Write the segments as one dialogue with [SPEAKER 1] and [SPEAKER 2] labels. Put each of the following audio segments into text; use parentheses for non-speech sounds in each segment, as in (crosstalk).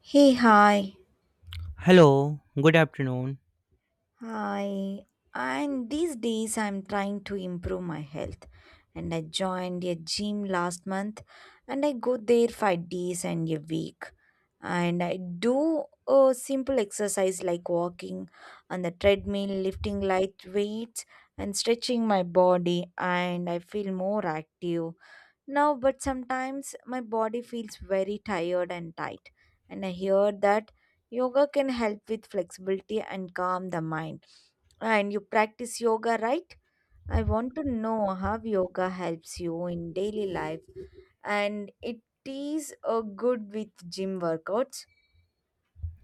[SPEAKER 1] Hey, hi.
[SPEAKER 2] Hello, good afternoon.
[SPEAKER 1] Hi. And these days I'm trying to improve my health. And I joined a gym last month and I go there 5 days and a week. And I do a simple exercise like walking on the treadmill, lifting light weights and stretching my body and I feel more active now, but sometimes my body feels very tired and tight and I hear that yoga can help with flexibility and calm the mind. And you practice yoga, right? I want to know how yoga helps you in daily life and it is a good with gym workouts.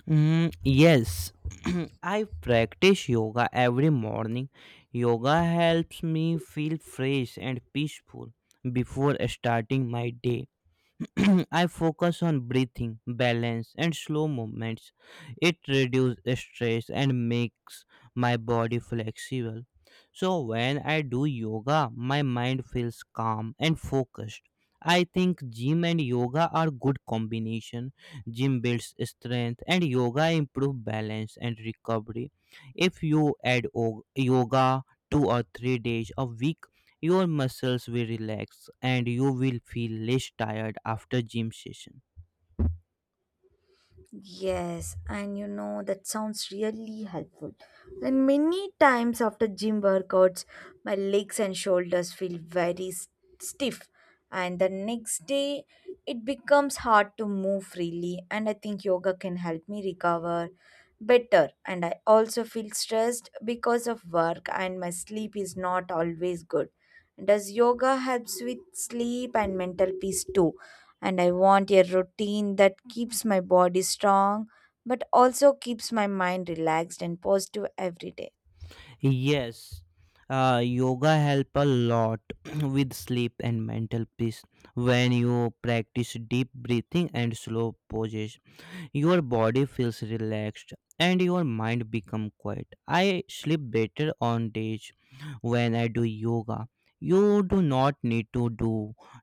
[SPEAKER 2] Mm, yes, (clears throat) I practice yoga every morning. Yoga helps me feel fresh and peaceful before starting my day. (clears throat) I focus on breathing, balance, and slow movements. It reduces stress and makes my body flexible. So, when I do yoga, my mind feels calm and focused. I think gym and yoga are good combination. Gym builds strength and yoga improve balance and recovery. If you add yoga 2 or 3 days a week, your muscles will relax and you will feel less tired after gym session.
[SPEAKER 1] Yes, and you know that sounds really helpful. And many times after gym workouts, my legs and shoulders feel very stiff, and the next day it becomes hard to move freely. And I think yoga can help me recover better. And I also feel stressed because of work, and my sleep is not always good. Does yoga helps with sleep and mental peace too? And I want a routine that keeps my body strong but also keeps my mind relaxed and positive every day.
[SPEAKER 2] Yes, yoga help a lot (clears throat) with sleep and mental peace when you practice deep breathing and slow poses. Your body feels relaxed and your mind become quiet. I sleep better on days when I do yoga. You do not need to do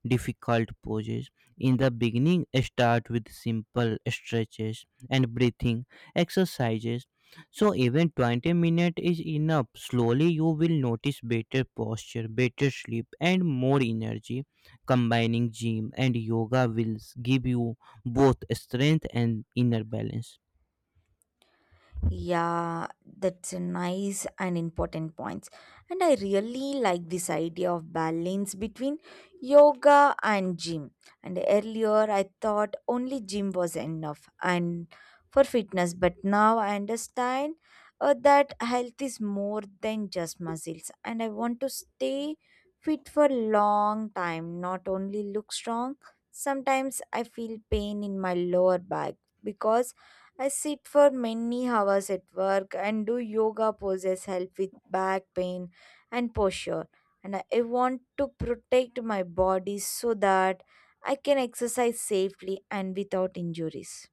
[SPEAKER 2] difficult poses in the beginning. Start with simple stretches and breathing exercises, so even 20 minutes is enough. Slowly you will notice better posture, better sleep, and more energy. Combining gym and yoga will give you both strength and inner balance.
[SPEAKER 1] Yeah, that's a nice and important points. And I really like this idea of balance between yoga and gym. And earlier I thought only gym was enough and for fitness, but now I understand that health is more than just muscles and I want to stay fit for long time, not only look strong. Sometimes I feel pain in my lower back because I sit for many hours at work and do yoga poses help with back pain and posture. And I want to protect my body so that I can exercise safely and without injuries.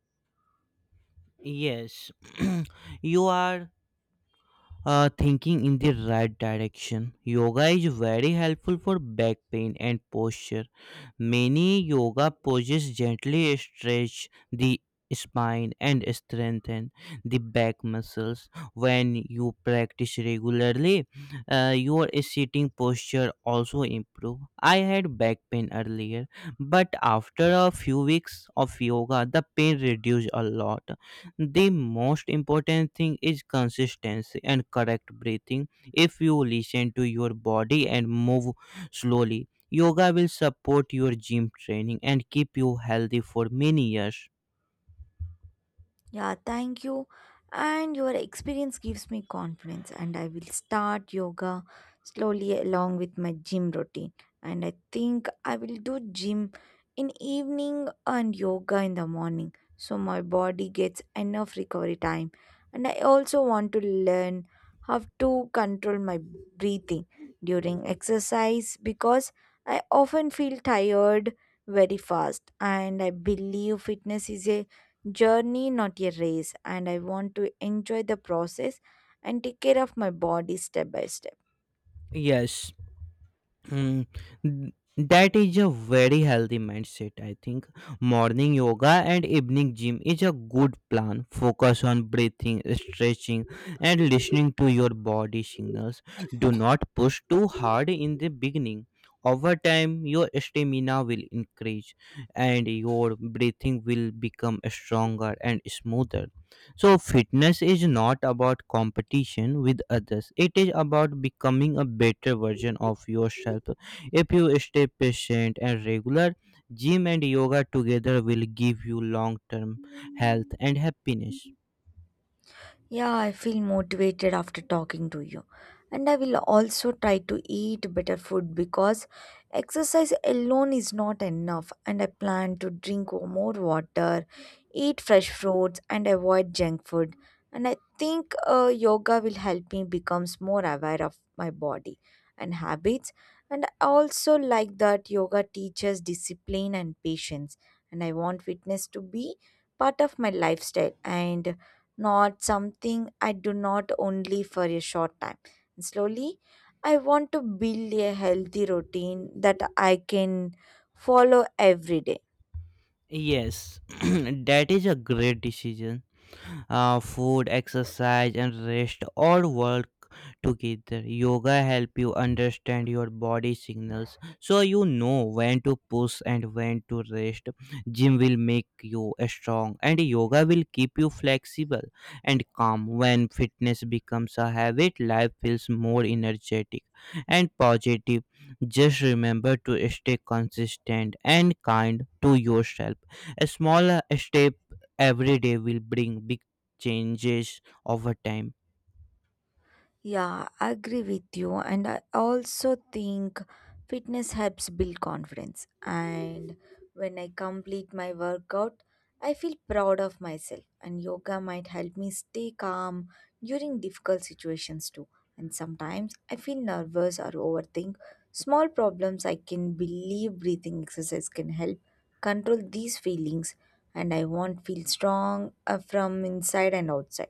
[SPEAKER 2] Yes, (clears throat) you are thinking in the right direction. Yoga is very helpful for back pain and posture. Many yoga poses gently stretch the spine and strengthen the back muscles. When you practice regularly, your sitting posture also improve. I had back pain earlier, but after a few weeks of yoga, the pain reduced a lot. The most important thing is consistency and correct breathing. If you listen to your body and move slowly, yoga will support your gym training and keep you healthy for many years.
[SPEAKER 1] Yeah, thank you. And your experience gives me confidence, and I will start yoga slowly along with my gym routine. And I think I will do gym in evening and yoga in the morning, so my body gets enough recovery time. And I also want to learn how to control my breathing during exercise because I often feel tired very fast, and I believe fitness is a journey, not a race, and I want to enjoy the process and take care of my body step by step.
[SPEAKER 2] Yes. Hmm. n- that is a very healthy mindset, I think. Morning yoga and evening gym is a good plan. Focus on breathing, stretching, and listening to your body signals. Do not push too hard in the beginning. Over time, your stamina will increase and your breathing will become stronger and smoother. So, fitness is not about competition with others. It is about becoming a better version of yourself. If you stay patient and regular, gym and yoga together will give you long term health and happiness.
[SPEAKER 1] Yeah, I feel motivated after talking to you. And I will also try to eat better food because exercise alone is not enough. And I plan to drink more water, eat fresh fruits, and avoid junk food. And I think yoga will help me becomes more aware of my body and habits. And I also like that yoga teaches discipline and patience. And I want fitness to be part of my lifestyle and not something I do not only for a short time. And slowly, I want to build a healthy routine that I can follow every day.
[SPEAKER 2] Yes, (clears throat) that is a great decision. Food, exercise, and rest all work together. Yoga help you understand your body signals, so you know when to push and when to rest. Gym will make you strong and yoga will keep you flexible and calm. When fitness becomes a habit, life feels more energetic and positive. Just remember to stay consistent and kind to yourself. A small step every day will bring changes over time.
[SPEAKER 1] Yeah, I agree with you. And I also think fitness helps build confidence. And when I complete my workout, I feel proud of myself. And yoga might help me stay calm during difficult situations too. And sometimes I feel nervous or overthink small problems. I can believe breathing exercise can help control these feelings. And I want feel strong from inside and outside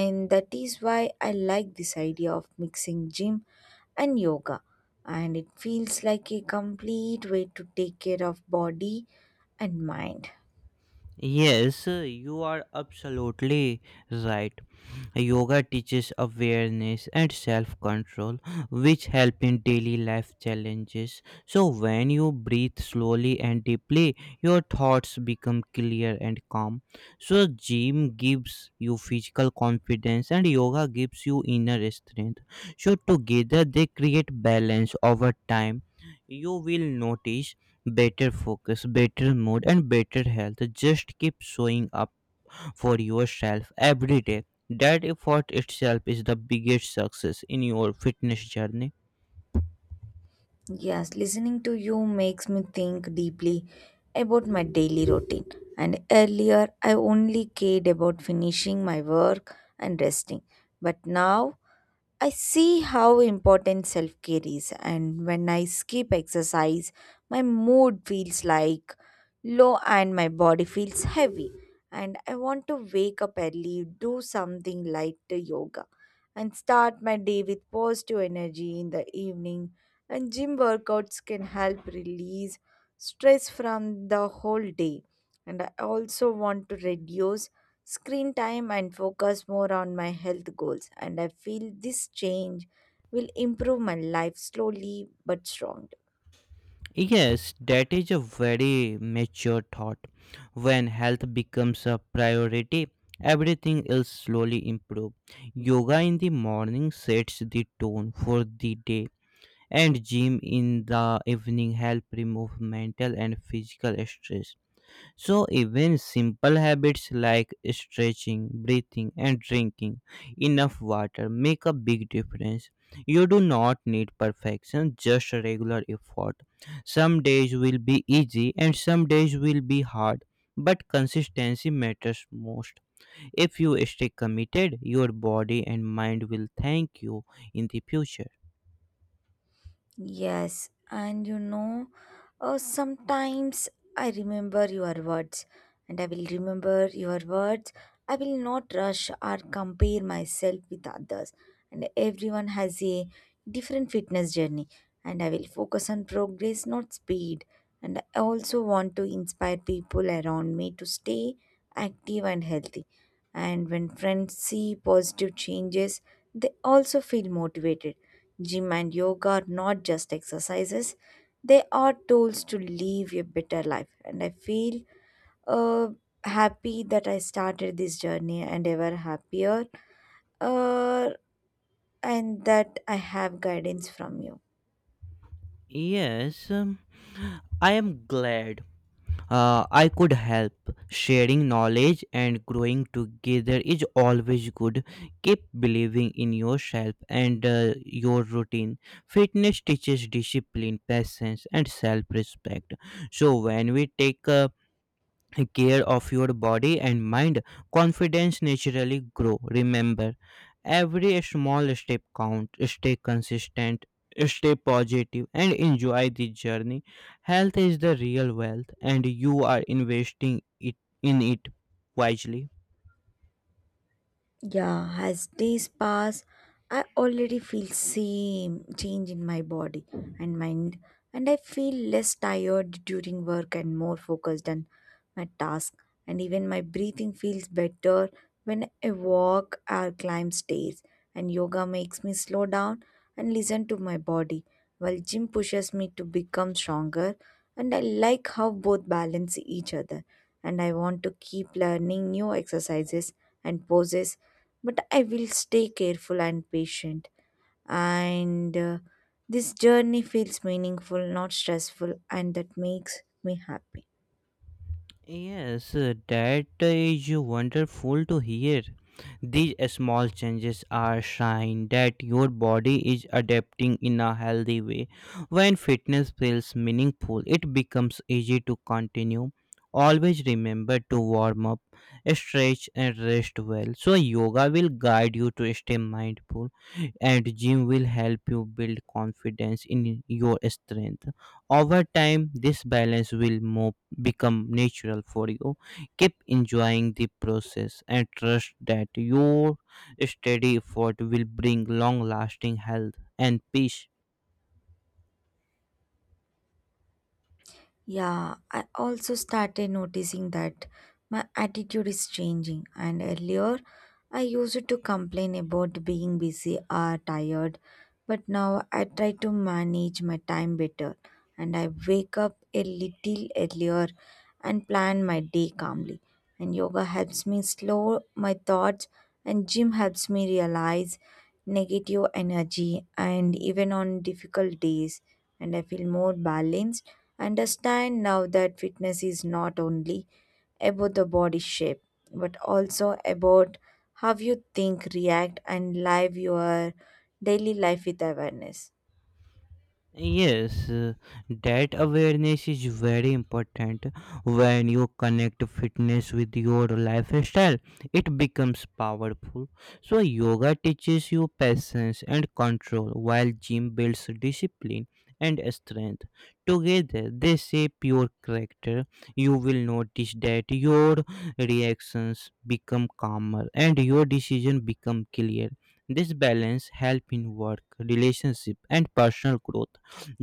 [SPEAKER 1] and that is why I like this idea of mixing gym and yoga and it feels like a complete way to take care of body and mind.
[SPEAKER 2] Yes, you are absolutely right. Yoga teaches awareness and self control, which help in daily life challenges. So, when you breathe slowly and deeply, your thoughts become clear and calm. So, gym gives you physical confidence, and yoga gives you inner strength. So, together they create balance over time. You will notice better focus, better mood, and better health. Just keep showing up for yourself every day. That effort itself is the biggest success in your fitness journey.
[SPEAKER 1] Yes, listening to you makes me think deeply about my daily routine. And earlier, I only cared about finishing my work and resting. But now, I see how important self care is, and when I skip exercise, my mood feels like low and my body feels heavy. And I want to wake up early, do something light to yoga, and start my day with positive energy in the evening. And gym workouts can help release stress from the whole day. And I also want to reduce screen time and focus more on my health goals. And I feel this change will improve my life slowly but strongly.
[SPEAKER 2] Yes, that is a very mature thought. When health becomes a priority, everything else slowly improves. Yoga in the morning sets the tone for the day, and gym in the evening help remove mental and physical stress. So, even simple habits like stretching, breathing, and drinking enough water make a big difference. You do not need perfection, just regular effort. Some days will be easy and some days will be hard, but consistency matters most. If you stay committed, your body and mind will thank you in the future.
[SPEAKER 1] Yes, and you know, sometimes I remember your words, and I will remember your words. I will not rush or compare myself with others, and everyone has a different fitness journey, and I will focus on progress, not speed. And I also want to inspire people around me to stay active and healthy. And when friends see positive changes, they also feel motivated. Gym and yoga are not just exercises, they are tools to live a better life. And I feel uh, happy that I started this journey and ever happier uh, and that I have guidance from you.
[SPEAKER 2] Yes, I am glad I could help. Sharing knowledge and growing together is always good. Keep believing in yourself and your routine. Fitness teaches discipline, patience, and self respect. So, when we take care of your body and mind, confidence naturally grow. Remember, every small step count. Stay consistent, stay positive, and enjoy the journey. Health is the real wealth and you are investing it in it wisely.
[SPEAKER 1] Yeah, as days pass, I already feel same change in my body and mind, and I feel less tired during work and more focused on my task. And even my breathing feels better when I walk or climb stairs. And yoga makes me slow down and listen to my body, while gym pushes me to become stronger. And I like how both balance each other and I want to keep learning new exercises and poses, but I will stay careful and patient. And this journey feels meaningful, not stressful, and that makes me happy.
[SPEAKER 2] Yes, that is wonderful to hear. These small changes are sign that your body is adapting in a healthy way. When fitness feels meaningful, it becomes easy to continue. Always remember to warm up, stretch, and rest well. So yoga will guide you to stay mindful and gym will help you build confidence in your strength. Over time, this balance will move become natural for you. Keep enjoying the process and trust that your steady effort will bring long lasting health and peace.
[SPEAKER 1] Yeah, I also started noticing that my attitude is changing. And earlier, I used to complain about being busy or tired, but now I try to manage my time better. And I wake up a little earlier and plan my day calmly. And yoga helps me slow my thoughts, and gym helps me realize negative energy and even on difficult days. And I feel more balanced. Understand now that fitness is not only about the body shape, but also about how you think, react, and live your daily life with awareness.
[SPEAKER 2] Yes, that awareness is very important. When you connect fitness with your lifestyle, it becomes powerful. So, yoga teaches you patience and control, while gym builds discipline and strength. Together, they shape your character. You will notice that your reactions become calmer and your decisions become clear. This balance helps in work, relationship, and personal growth.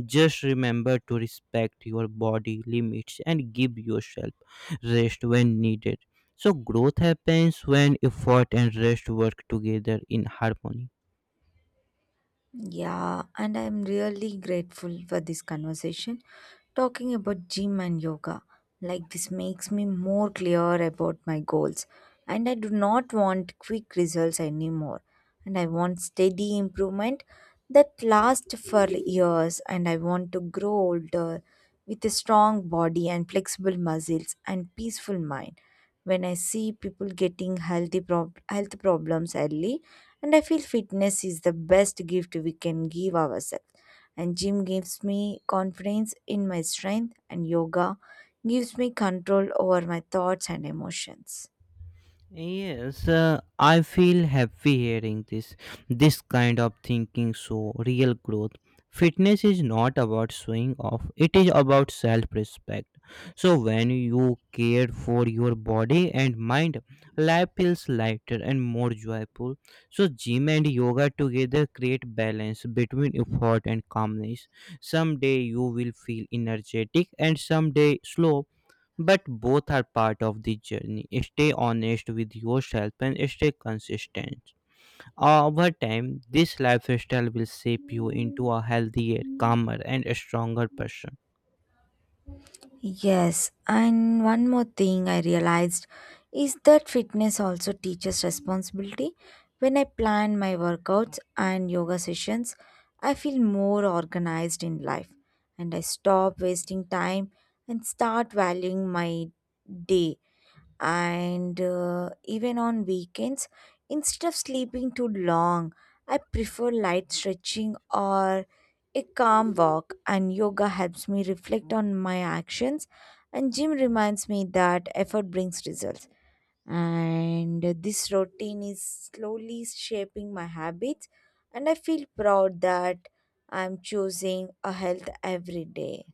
[SPEAKER 2] Just remember to respect your body limits and give yourself rest when needed. So, growth happens when effort and rest work together in harmony.
[SPEAKER 1] Yeah, and I'm really grateful for this conversation talking about gym and yoga. Like, this makes me more clear about my goals. And I do not want quick results anymore. And I want steady improvement that lasts for years. And I want to grow older with a strong body and flexible muscles and peaceful mind. When I see people getting healthy health problems early, and I feel fitness is the best gift we can give ourselves. And gym gives me confidence in my strength, and yoga gives me control over my thoughts and emotions.
[SPEAKER 2] Yes, I feel happy hearing this. This kind of thinking show real growth. Fitness is not about showing off, it is about self respect. So, when you care for your body and mind, life feels lighter and more joyful. So, gym and yoga together create balance between effort and calmness. Someday you will feel energetic, and someday slow, but both are part of the journey. Stay honest with yourself and stay consistent. Over time, this lifestyle will shape you into a healthier, calmer, and stronger person.
[SPEAKER 1] Yes, and one more thing I realized is that fitness also teaches responsibility. When I plan my workouts and yoga sessions, I feel more organized in life and I stop wasting time and start valuing my day and even on weekends instead of sleeping too long I prefer light stretching or a calm walk and yoga helps me reflect on my actions and gym reminds me that effort brings results and this routine is slowly shaping my habits and I feel proud that I'm choosing a health every day.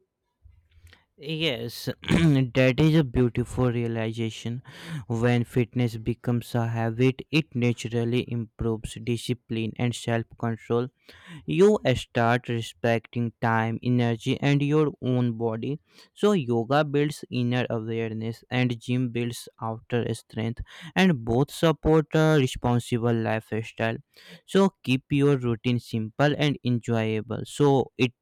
[SPEAKER 2] Yes, (clears throat) that is a beautiful realization. When fitness becomes a habit, it naturally improves discipline and self control. You start respecting time, energy, and your own body. So, yoga builds inner awareness, and gym builds outer strength, and both support a responsible lifestyle. So, keep your routine simple and enjoyable. So, it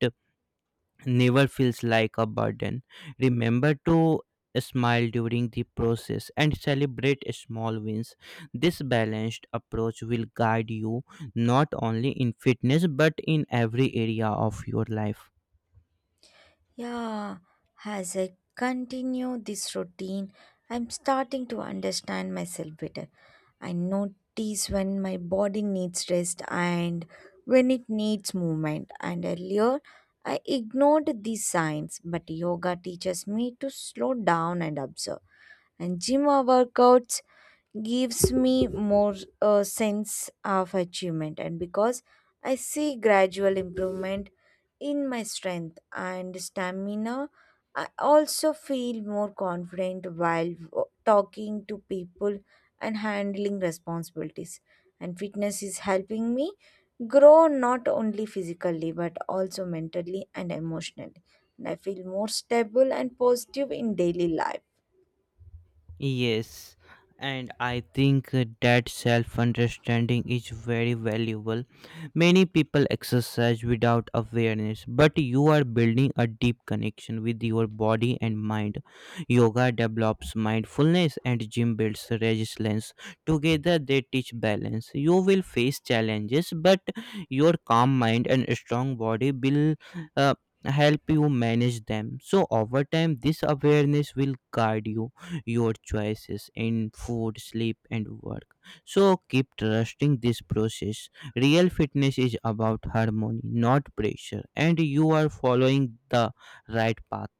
[SPEAKER 2] never feels like a burden. Remember to smile during the process and celebrate small wins. This balanced approach will guide you not only in fitness but in every area of your life.
[SPEAKER 1] Yeah, as I continue this routine, I'm starting to understand myself better. I notice when my body needs rest and when it needs movement. And earlier, I ignored these signs, but yoga teaches me to slow down and observe. And gym workouts gives me more sense of achievement. And because I see gradual improvement in my strength and stamina. I also feel more confident while talking to people and handling responsibilities. And fitness is helping me grow not only physically but also mentally and emotionally. And I feel more stable and positive in daily life.
[SPEAKER 2] Yes, and I think that self understanding is very valuable. Many people exercise without awareness, but you are building a deep connection with your body and mind. Yoga develops mindfulness, and gym builds resilience. Together, they teach balance. You will face challenges, but your calm mind and strong body will. Uh, Help you manage them. So over time this awareness will guide you your choices in food, sleep, and work. So keep trusting this process. Real fitness is about harmony, not pressure, and you are following the right path.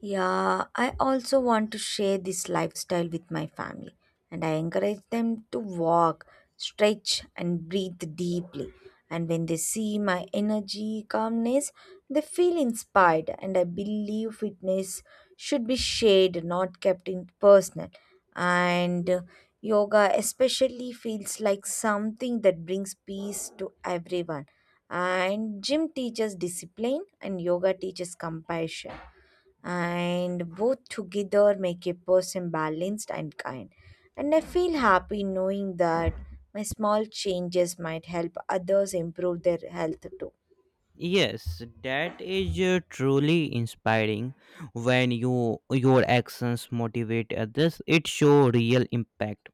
[SPEAKER 1] Yeah, I also want to share this lifestyle with my family, and I encourage them to walk, stretch, and breathe deeply. And when they see my energy, calmness, they feel inspired. And I believe fitness should be shared, not kept in personal. And yoga especially feels like something that brings peace to everyone. And gym teaches discipline, and yoga teaches compassion and both together make a person balanced and kind. And I feel happy knowing that my small changes might help others improve their health too.
[SPEAKER 2] Yes, that is truly inspiring. When you your actions motivate others, it show real impact.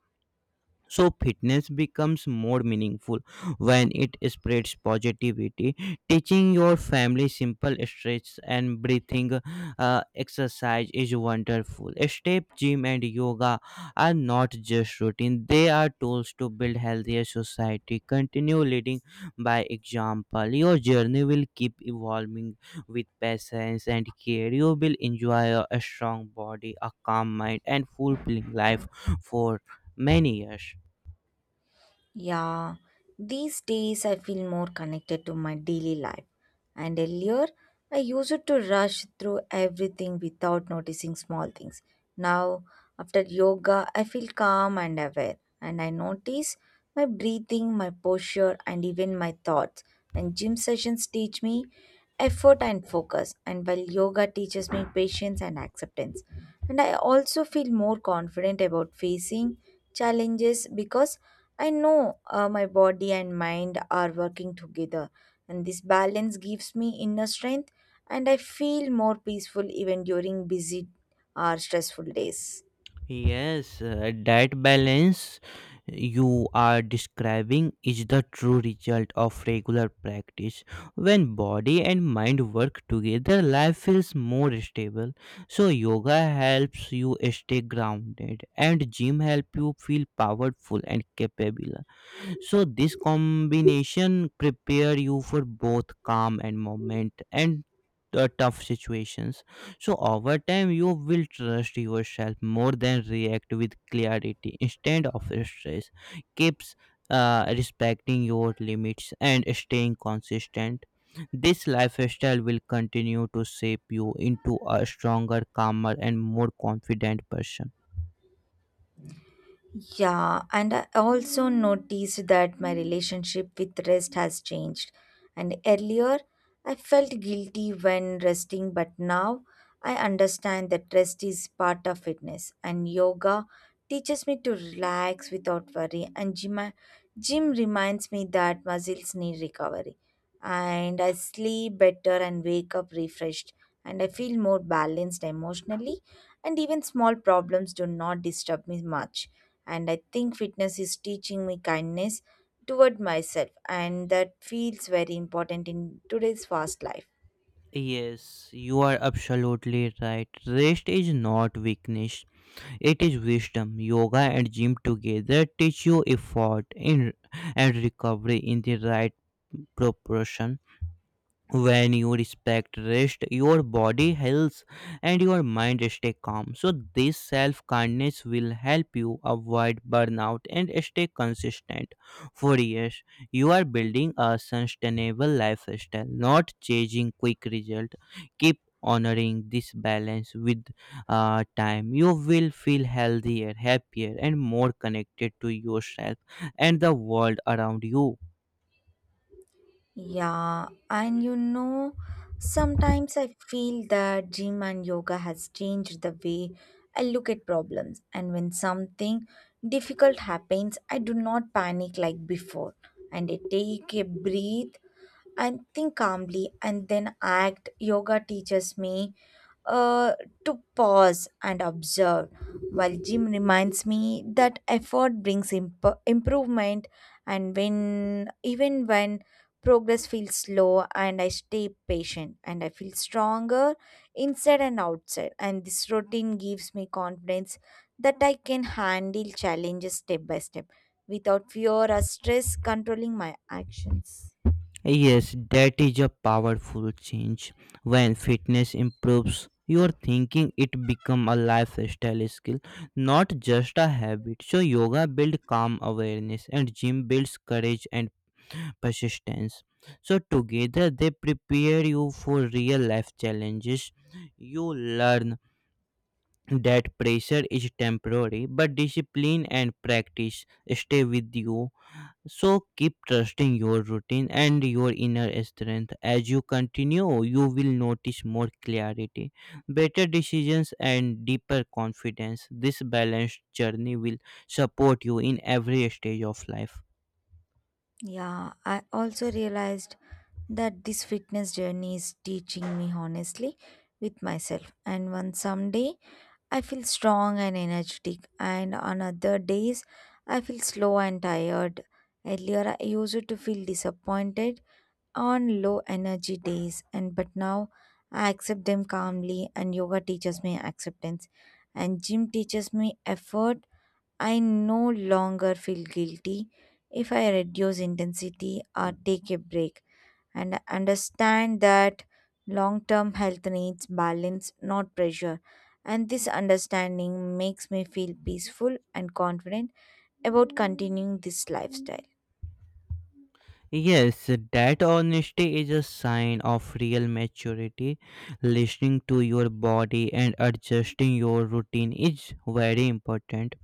[SPEAKER 2] So fitness becomes more meaningful when it spreads positivity. Teaching your family simple stretches and breathing exercise is wonderful. Step gym and yoga are not just routine; they are tools to build healthier society. Continue leading by example. Your journey will keep evolving with patience and care. You will enjoy a strong body, a calm mind, and fulfilling life for many years.
[SPEAKER 1] Yeah, these days I feel more connected to my daily life. And earlier, I used to rush through everything without noticing small things. Now, after yoga, I feel calm and aware, and I notice my breathing, my posture, and even my thoughts. And gym sessions teach me effort and focus, and while yoga teaches me patience and acceptance. And I also feel more confident about facing challenges because I know my body and mind are working together, and this balance gives me inner strength, and I feel more peaceful even during busy or stressful days.
[SPEAKER 2] Yes, that balance you are describing is the true result of regular practice. When body and mind work together, life feels more stable. So yoga helps you stay grounded and gym help you feel powerful and capable. So this combination prepare you for both calm and moment and tough situations. So over time you will trust yourself more, than react with clarity instead of stress. Keeps respecting your limits and staying consistent. This lifestyle will continue to shape you into a stronger, calmer, and more confident person.
[SPEAKER 1] Yeah, and I also noticed that my relationship with rest has changed. And earlier, I felt guilty when resting, but now I understand that rest is part of fitness. And yoga teaches me to relax without worry. And gym reminds me that muscles need recovery. And I sleep better and wake up refreshed. And I feel more balanced emotionally. And even small problems do not disturb me much and I think fitness is teaching me kindness toward myself, and that feels very important in today's fast life.
[SPEAKER 2] Yes, you are absolutely right. Rest is not weakness, it is wisdom. Yoga and gym together teach you effort in, and recovery in the right proportion. When you respect rest, your body heals and your mind stay calm. So this self kindness will help you avoid burnout and stay consistent for years. You are building a sustainable lifestyle, not chasing quick result. Keep honoring this balance. With time you will feel healthier, happier, and more connected to yourself and the world around you.
[SPEAKER 1] Yeah, sometimes I feel that gym and yoga has changed the way I look at problems, and when something difficult happens, I do not panic like before, and I take a breath and think calmly and then act. Yoga teaches me uh, to pause and observe, while gym reminds me that effort brings improvement, and when even when progress feels slow and I stay patient and I feel stronger inside and outside and this routine gives me confidence that I can handle challenges step by step without fear or stress controlling my actions.
[SPEAKER 2] Yes, that is a powerful change. When fitness improves your thinking, it become a lifestyle skill, not just a habit. So yoga builds calm awareness and gym builds courage and persistence. So together they prepare you for real life challenges. You learn that pressure is temporary, but discipline and practice stay with you. So keep trusting your routine and your inner strength. As you continue, you will notice more clarity, better decisions, and deeper confidence. This balanced journey will support you in every stage of life.
[SPEAKER 1] Yeah, I also realized that this fitness journey is teaching me honestly with myself. And one someday I feel strong and energetic, and on other days I feel slow and tired. Earlier I used to feel disappointed on low energy days, and but now I accept them calmly. And yoga teaches me acceptance, and gym teaches me effort. I no longer feel guilty if I reduce intensity or take a break and I understand that long term health needs balance, not pressure. And this understanding makes me feel peaceful and confident about continuing this lifestyle.
[SPEAKER 2] Yes, that honesty is a sign of real maturity. Listening to your body and adjusting your routine is very important.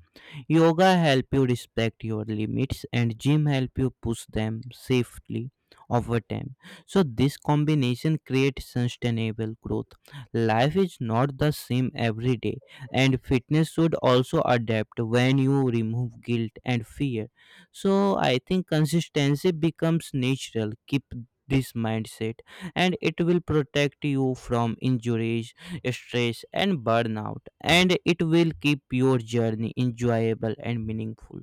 [SPEAKER 2] Yoga help you respect your limits and gym help you push them safely over time. So this combination creates sustainable growth. Life is not the same every day, and fitness should also adapt when you remove guilt and fear. So I think consistency becomes natural. Keep this mindset and it will protect you from injuries stress, and burnout, and it will keep your journey enjoyable and meaningful.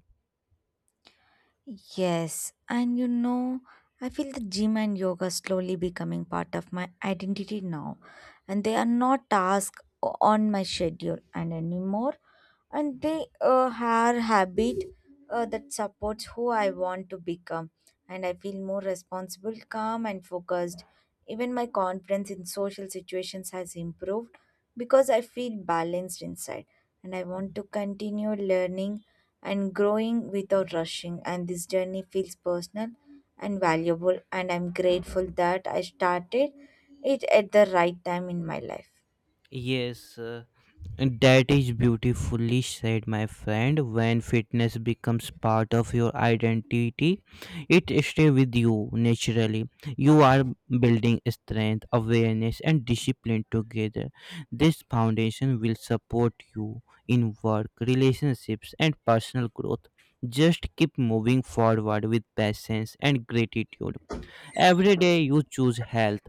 [SPEAKER 1] Yes, I feel the gym and yoga slowly becoming part of my identity now, and they are not tasks on my schedule and anymore, and they are habit that supports who I want to become, and I feel more responsible, calm, and focused. Even my confidence in social situations has improved because I feel balanced inside, and I want to continue learning and growing without rushing. And this journey feels personal and valuable, and I'm grateful that I started it at the right time in my life.
[SPEAKER 2] Yes, that is beautifully said, my friend. When fitness becomes part of your identity, it stays with you naturally. You are building strength, awareness, and discipline together. This foundation will support you in work, relationships, and personal growth. Just keep moving forward with patience and gratitude. Every day you choose health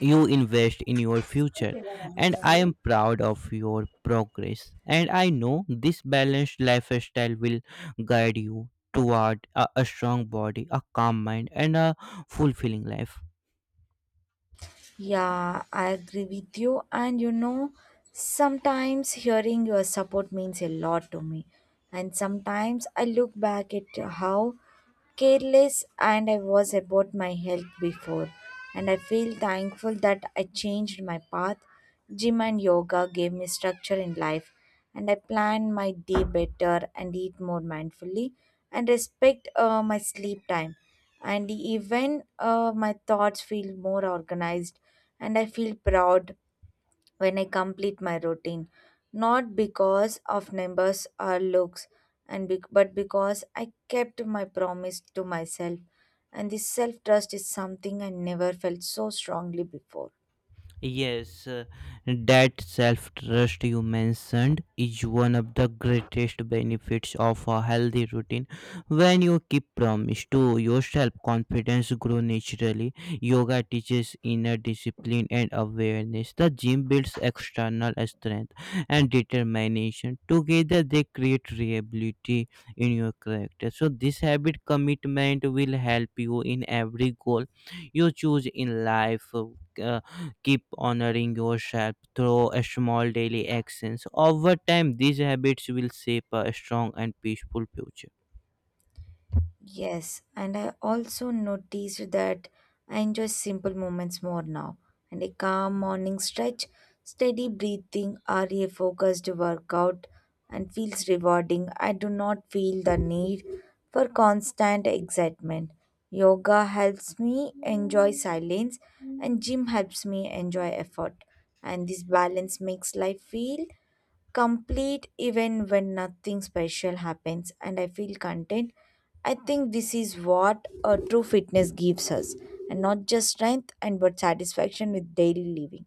[SPEAKER 2] you invest in your future, and I am proud of your progress, and I know this balanced lifestyle will guide you toward a strong body, a calm mind, and a fulfilling life.
[SPEAKER 1] Yeah, I agree with you. And sometimes hearing your support means a lot to me. And sometimes I look back at how careless and I was about my health before. And I feel thankful that I changed my path. Gym and yoga gave me structure in life, and I plan my day better and eat more mindfully and respect my sleep time. And even my thoughts feel more organized and I feel proud when I complete my routine, not because of numbers or looks, and bec but because I kept my promise to myself. And this self trust is something I never felt so strongly before.
[SPEAKER 2] Yes, that self trust you mentioned is one of the greatest benefits of a healthy routine. When you keep promise to yourself, confidence grows naturally. Yoga teaches inner discipline and awareness. The gym builds external strength and determination. Together, they create reliability in your character. So, this habit commitment will help you in every goal you choose in life. Uh, Keep honoring yourself through a small daily actions. Over time, these habits will shape a strong and peaceful future.
[SPEAKER 1] Yes, and I also noticed that I enjoy simple moments more now. And a calm morning stretch, steady breathing, or a focused workout, and feels rewarding. I do not feel the need for constant excitement. Yoga helps me enjoy silence, and gym helps me enjoy effort. And this balance makes life feel complete even when nothing special happens and I feel content. I think this is what a true fitness gives us and not just strength and but satisfaction with daily living.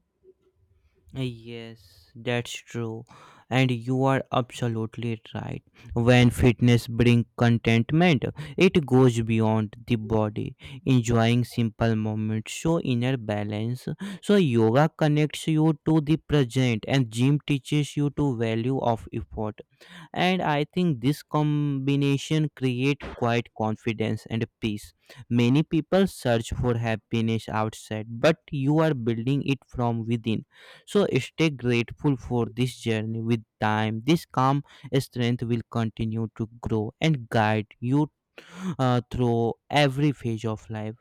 [SPEAKER 2] Yes, that's true, and you are absolutely right. When fitness brings contentment, it goes beyond the body, enjoying simple moments, show inner balance. So yoga connects you to the present, and gym teaches you to value of effort. And I think this combination create quite confidence and peace. Many people search for happiness outside, but you are building it from within. So stay grateful for this journey. With time, this calm strength will continue to grow and guide you through every phase of life.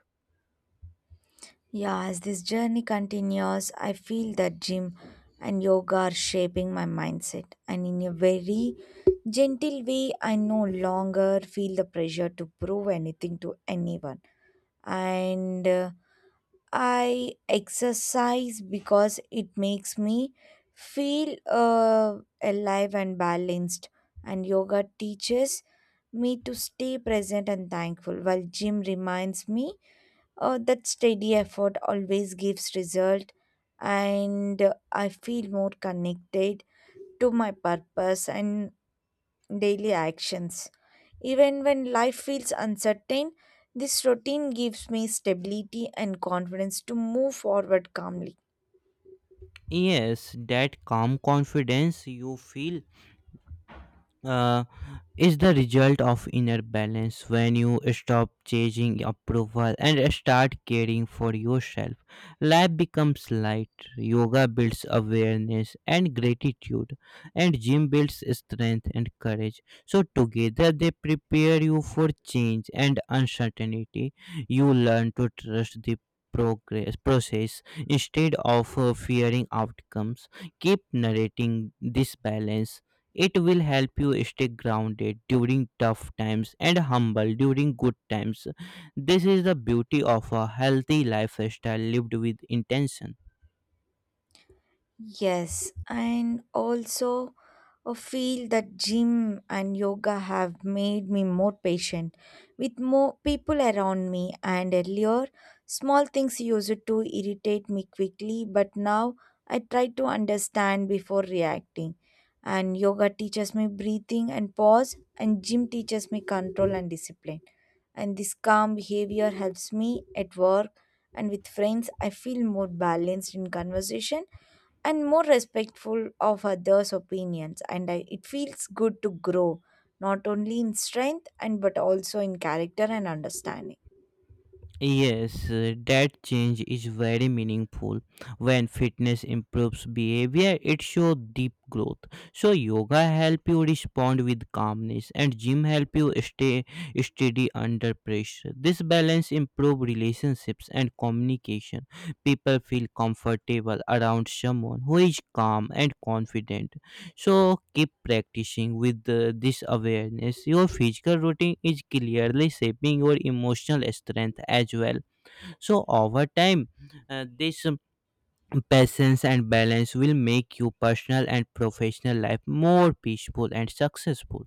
[SPEAKER 1] Yeah, as this journey continues, I feel that gym and yoga are shaping my mindset and in a very gentle way I no longer feel the pressure to prove anything to anyone and I exercise because it makes me feel alive and balanced, and yoga teaches me to stay present and thankful, while gym reminds me that steady effort always gives result, and I feel more connected to my purpose and daily actions. Even when life feels uncertain, this routine gives me stability and confidence to move forward calmly.
[SPEAKER 2] Yes, that calm confidence you feel uh, is the result of inner balance when you stop chasing approval and start caring for yourself. Life becomes light, yoga builds awareness and gratitude, and gym builds strength and courage. So, together they prepare you for change and uncertainty. You learn to trust the progress process instead of fearing outcomes. Keep narrating this balance. It will help you stay grounded during tough times and humble during good times. This is the beauty of a healthy lifestyle lived with intention.
[SPEAKER 1] Yes, and also I feel that gym and yoga have made me more patient with more people around me. And earlier, small things used to irritate me quickly, but now I try to understand before reacting. And yoga teaches me breathing and pause, and gym teaches me control and discipline. And this calm behavior helps me at work and with friends. I feel more balanced in conversation and more respectful of others' opinions. And I, it feels good to grow, not only in strength and but also in character and understanding.
[SPEAKER 2] Yes, that change is very meaningful. When fitness improves behavior, it shows deep growth. So yoga help you respond with calmness and gym help you stay steady under pressure. This balance improve relationships and communication. People feel comfortable around someone who is calm and confident. So keep practicing with this awareness. Your physical routine is clearly shaping your emotional strength as well. So over time, this patience and balance will make your personal and professional life more peaceful and successful.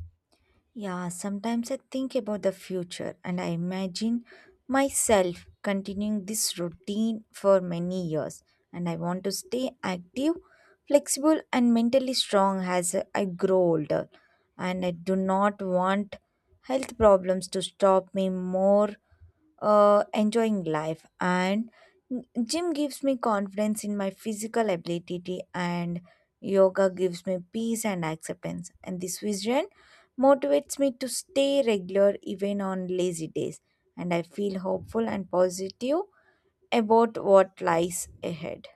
[SPEAKER 1] Yeah, sometimes I think about the future and I imagine myself continuing this routine for many years. And I want to stay active, flexible, and mentally strong as I grow older. And I do not want health problems to stop me more enjoying life. And gym gives me confidence in my physical ability, and yoga gives me peace and acceptance. And this vision motivates me to stay regular even on lazy days, and I feel hopeful and positive about what lies ahead.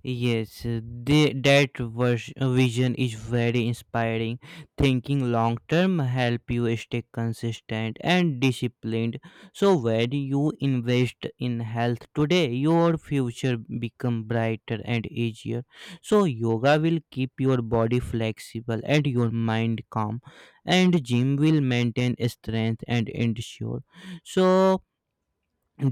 [SPEAKER 2] Yes, that vision is very inspiring. Thinking long term help you stay consistent and disciplined. So when you invest in health today, your future become brighter and easier. So yoga will keep your body flexible and your mind calm, and gym will maintain strength and endure. So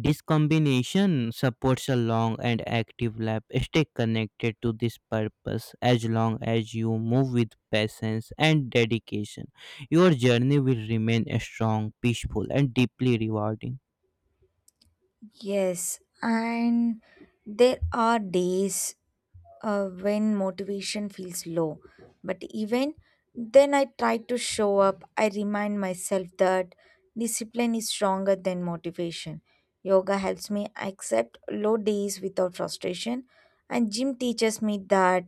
[SPEAKER 2] this combination supports a long and active life. Stay connected to this purpose as long as you move with patience and dedication. Your journey will remain strong, peaceful, and deeply rewarding.
[SPEAKER 1] Yes, and there are days when motivation feels low, but even then, I try to show up. I remind myself that discipline is stronger than motivation. Yoga helps me accept low days without frustration, and gym teaches me that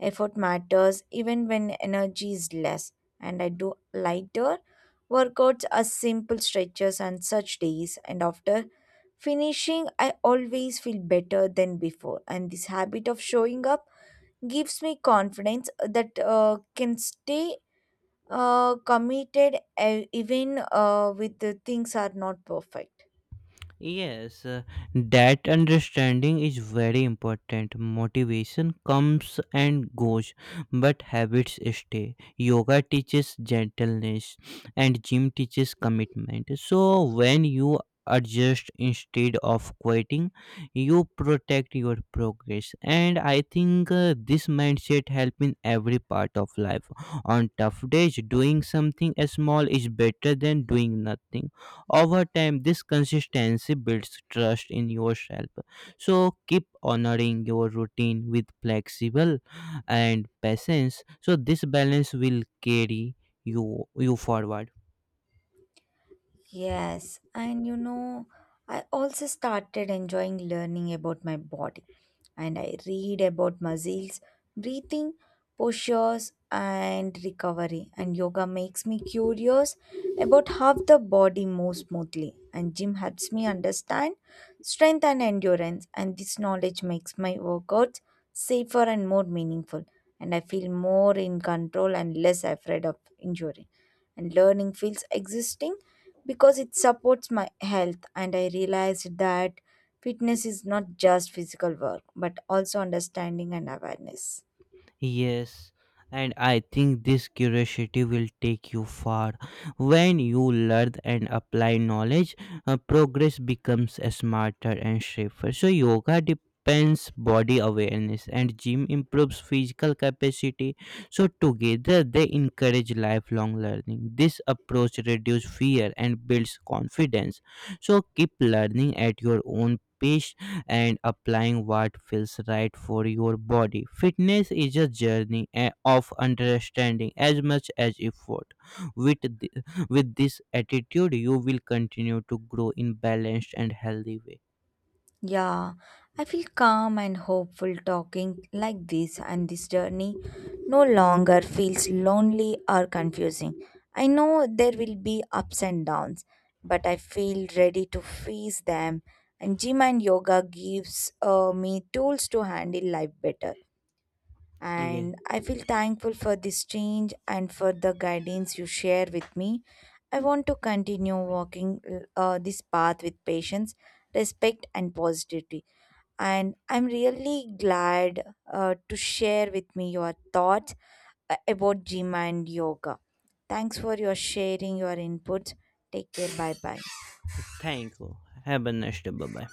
[SPEAKER 1] effort matters even when energy is less. And I do lighter workouts as simple stretches on such days, and after finishing, I always feel better than before, and this habit of showing up gives me confidence that can stay committed even with the things are not perfect.
[SPEAKER 2] Yes, that understanding is very important. Motivation comes and goes, but habits stay. Yoga teaches gentleness, and gym teaches commitment. So, when you adjust instead of quitting, you protect your progress. And I think this mindset helps in every part of life. On tough days, doing something small is better than doing nothing over time, this consistency builds trust in yourself. So keep honoring your routine with flexible and patience. So this balance will carry you forward.
[SPEAKER 1] Yes, I also started enjoying learning about my body and I read about muscles, breathing, postures, and recovery. And yoga makes me curious about how the body moves smoothly. And gym helps me understand strength and endurance. And this knowledge makes my workouts safer and more meaningful. And I feel more in control and less afraid of injury. And learning feels existing because it supports my health. And I realized that fitness is not just physical work, but also understanding and awareness.
[SPEAKER 2] Yes, and I think this curiosity will take you far. When you learn and apply knowledge, progress becomes smarter and safer. So, yoga depends body awareness and gym improves physical capacity. So together they encourage lifelong learning. This approach reduces fear and builds confidence. So keep learning at your own pace and applying what feels right for your body. Fitness is a journey of understanding as much as effort. With, the, with this attitude, you will continue to grow in balanced and healthy way.
[SPEAKER 1] Yeah, I feel calm and hopeful talking like this, and this journey no longer feels lonely or confusing. I know there will be ups and downs, but I feel ready to face them. And gym and yoga gives me tools to handle life better.
[SPEAKER 2] Yeah,
[SPEAKER 1] And I feel thankful for this change and for the guidance you share with me. I want to continue walking this path with patience, respect, and positivity. And I'm really glad to share with me your thoughts about gym and yoga. Thanks for your sharing your inputs. Take care. Bye bye.
[SPEAKER 2] thank you. Have a nice day. Bye bye.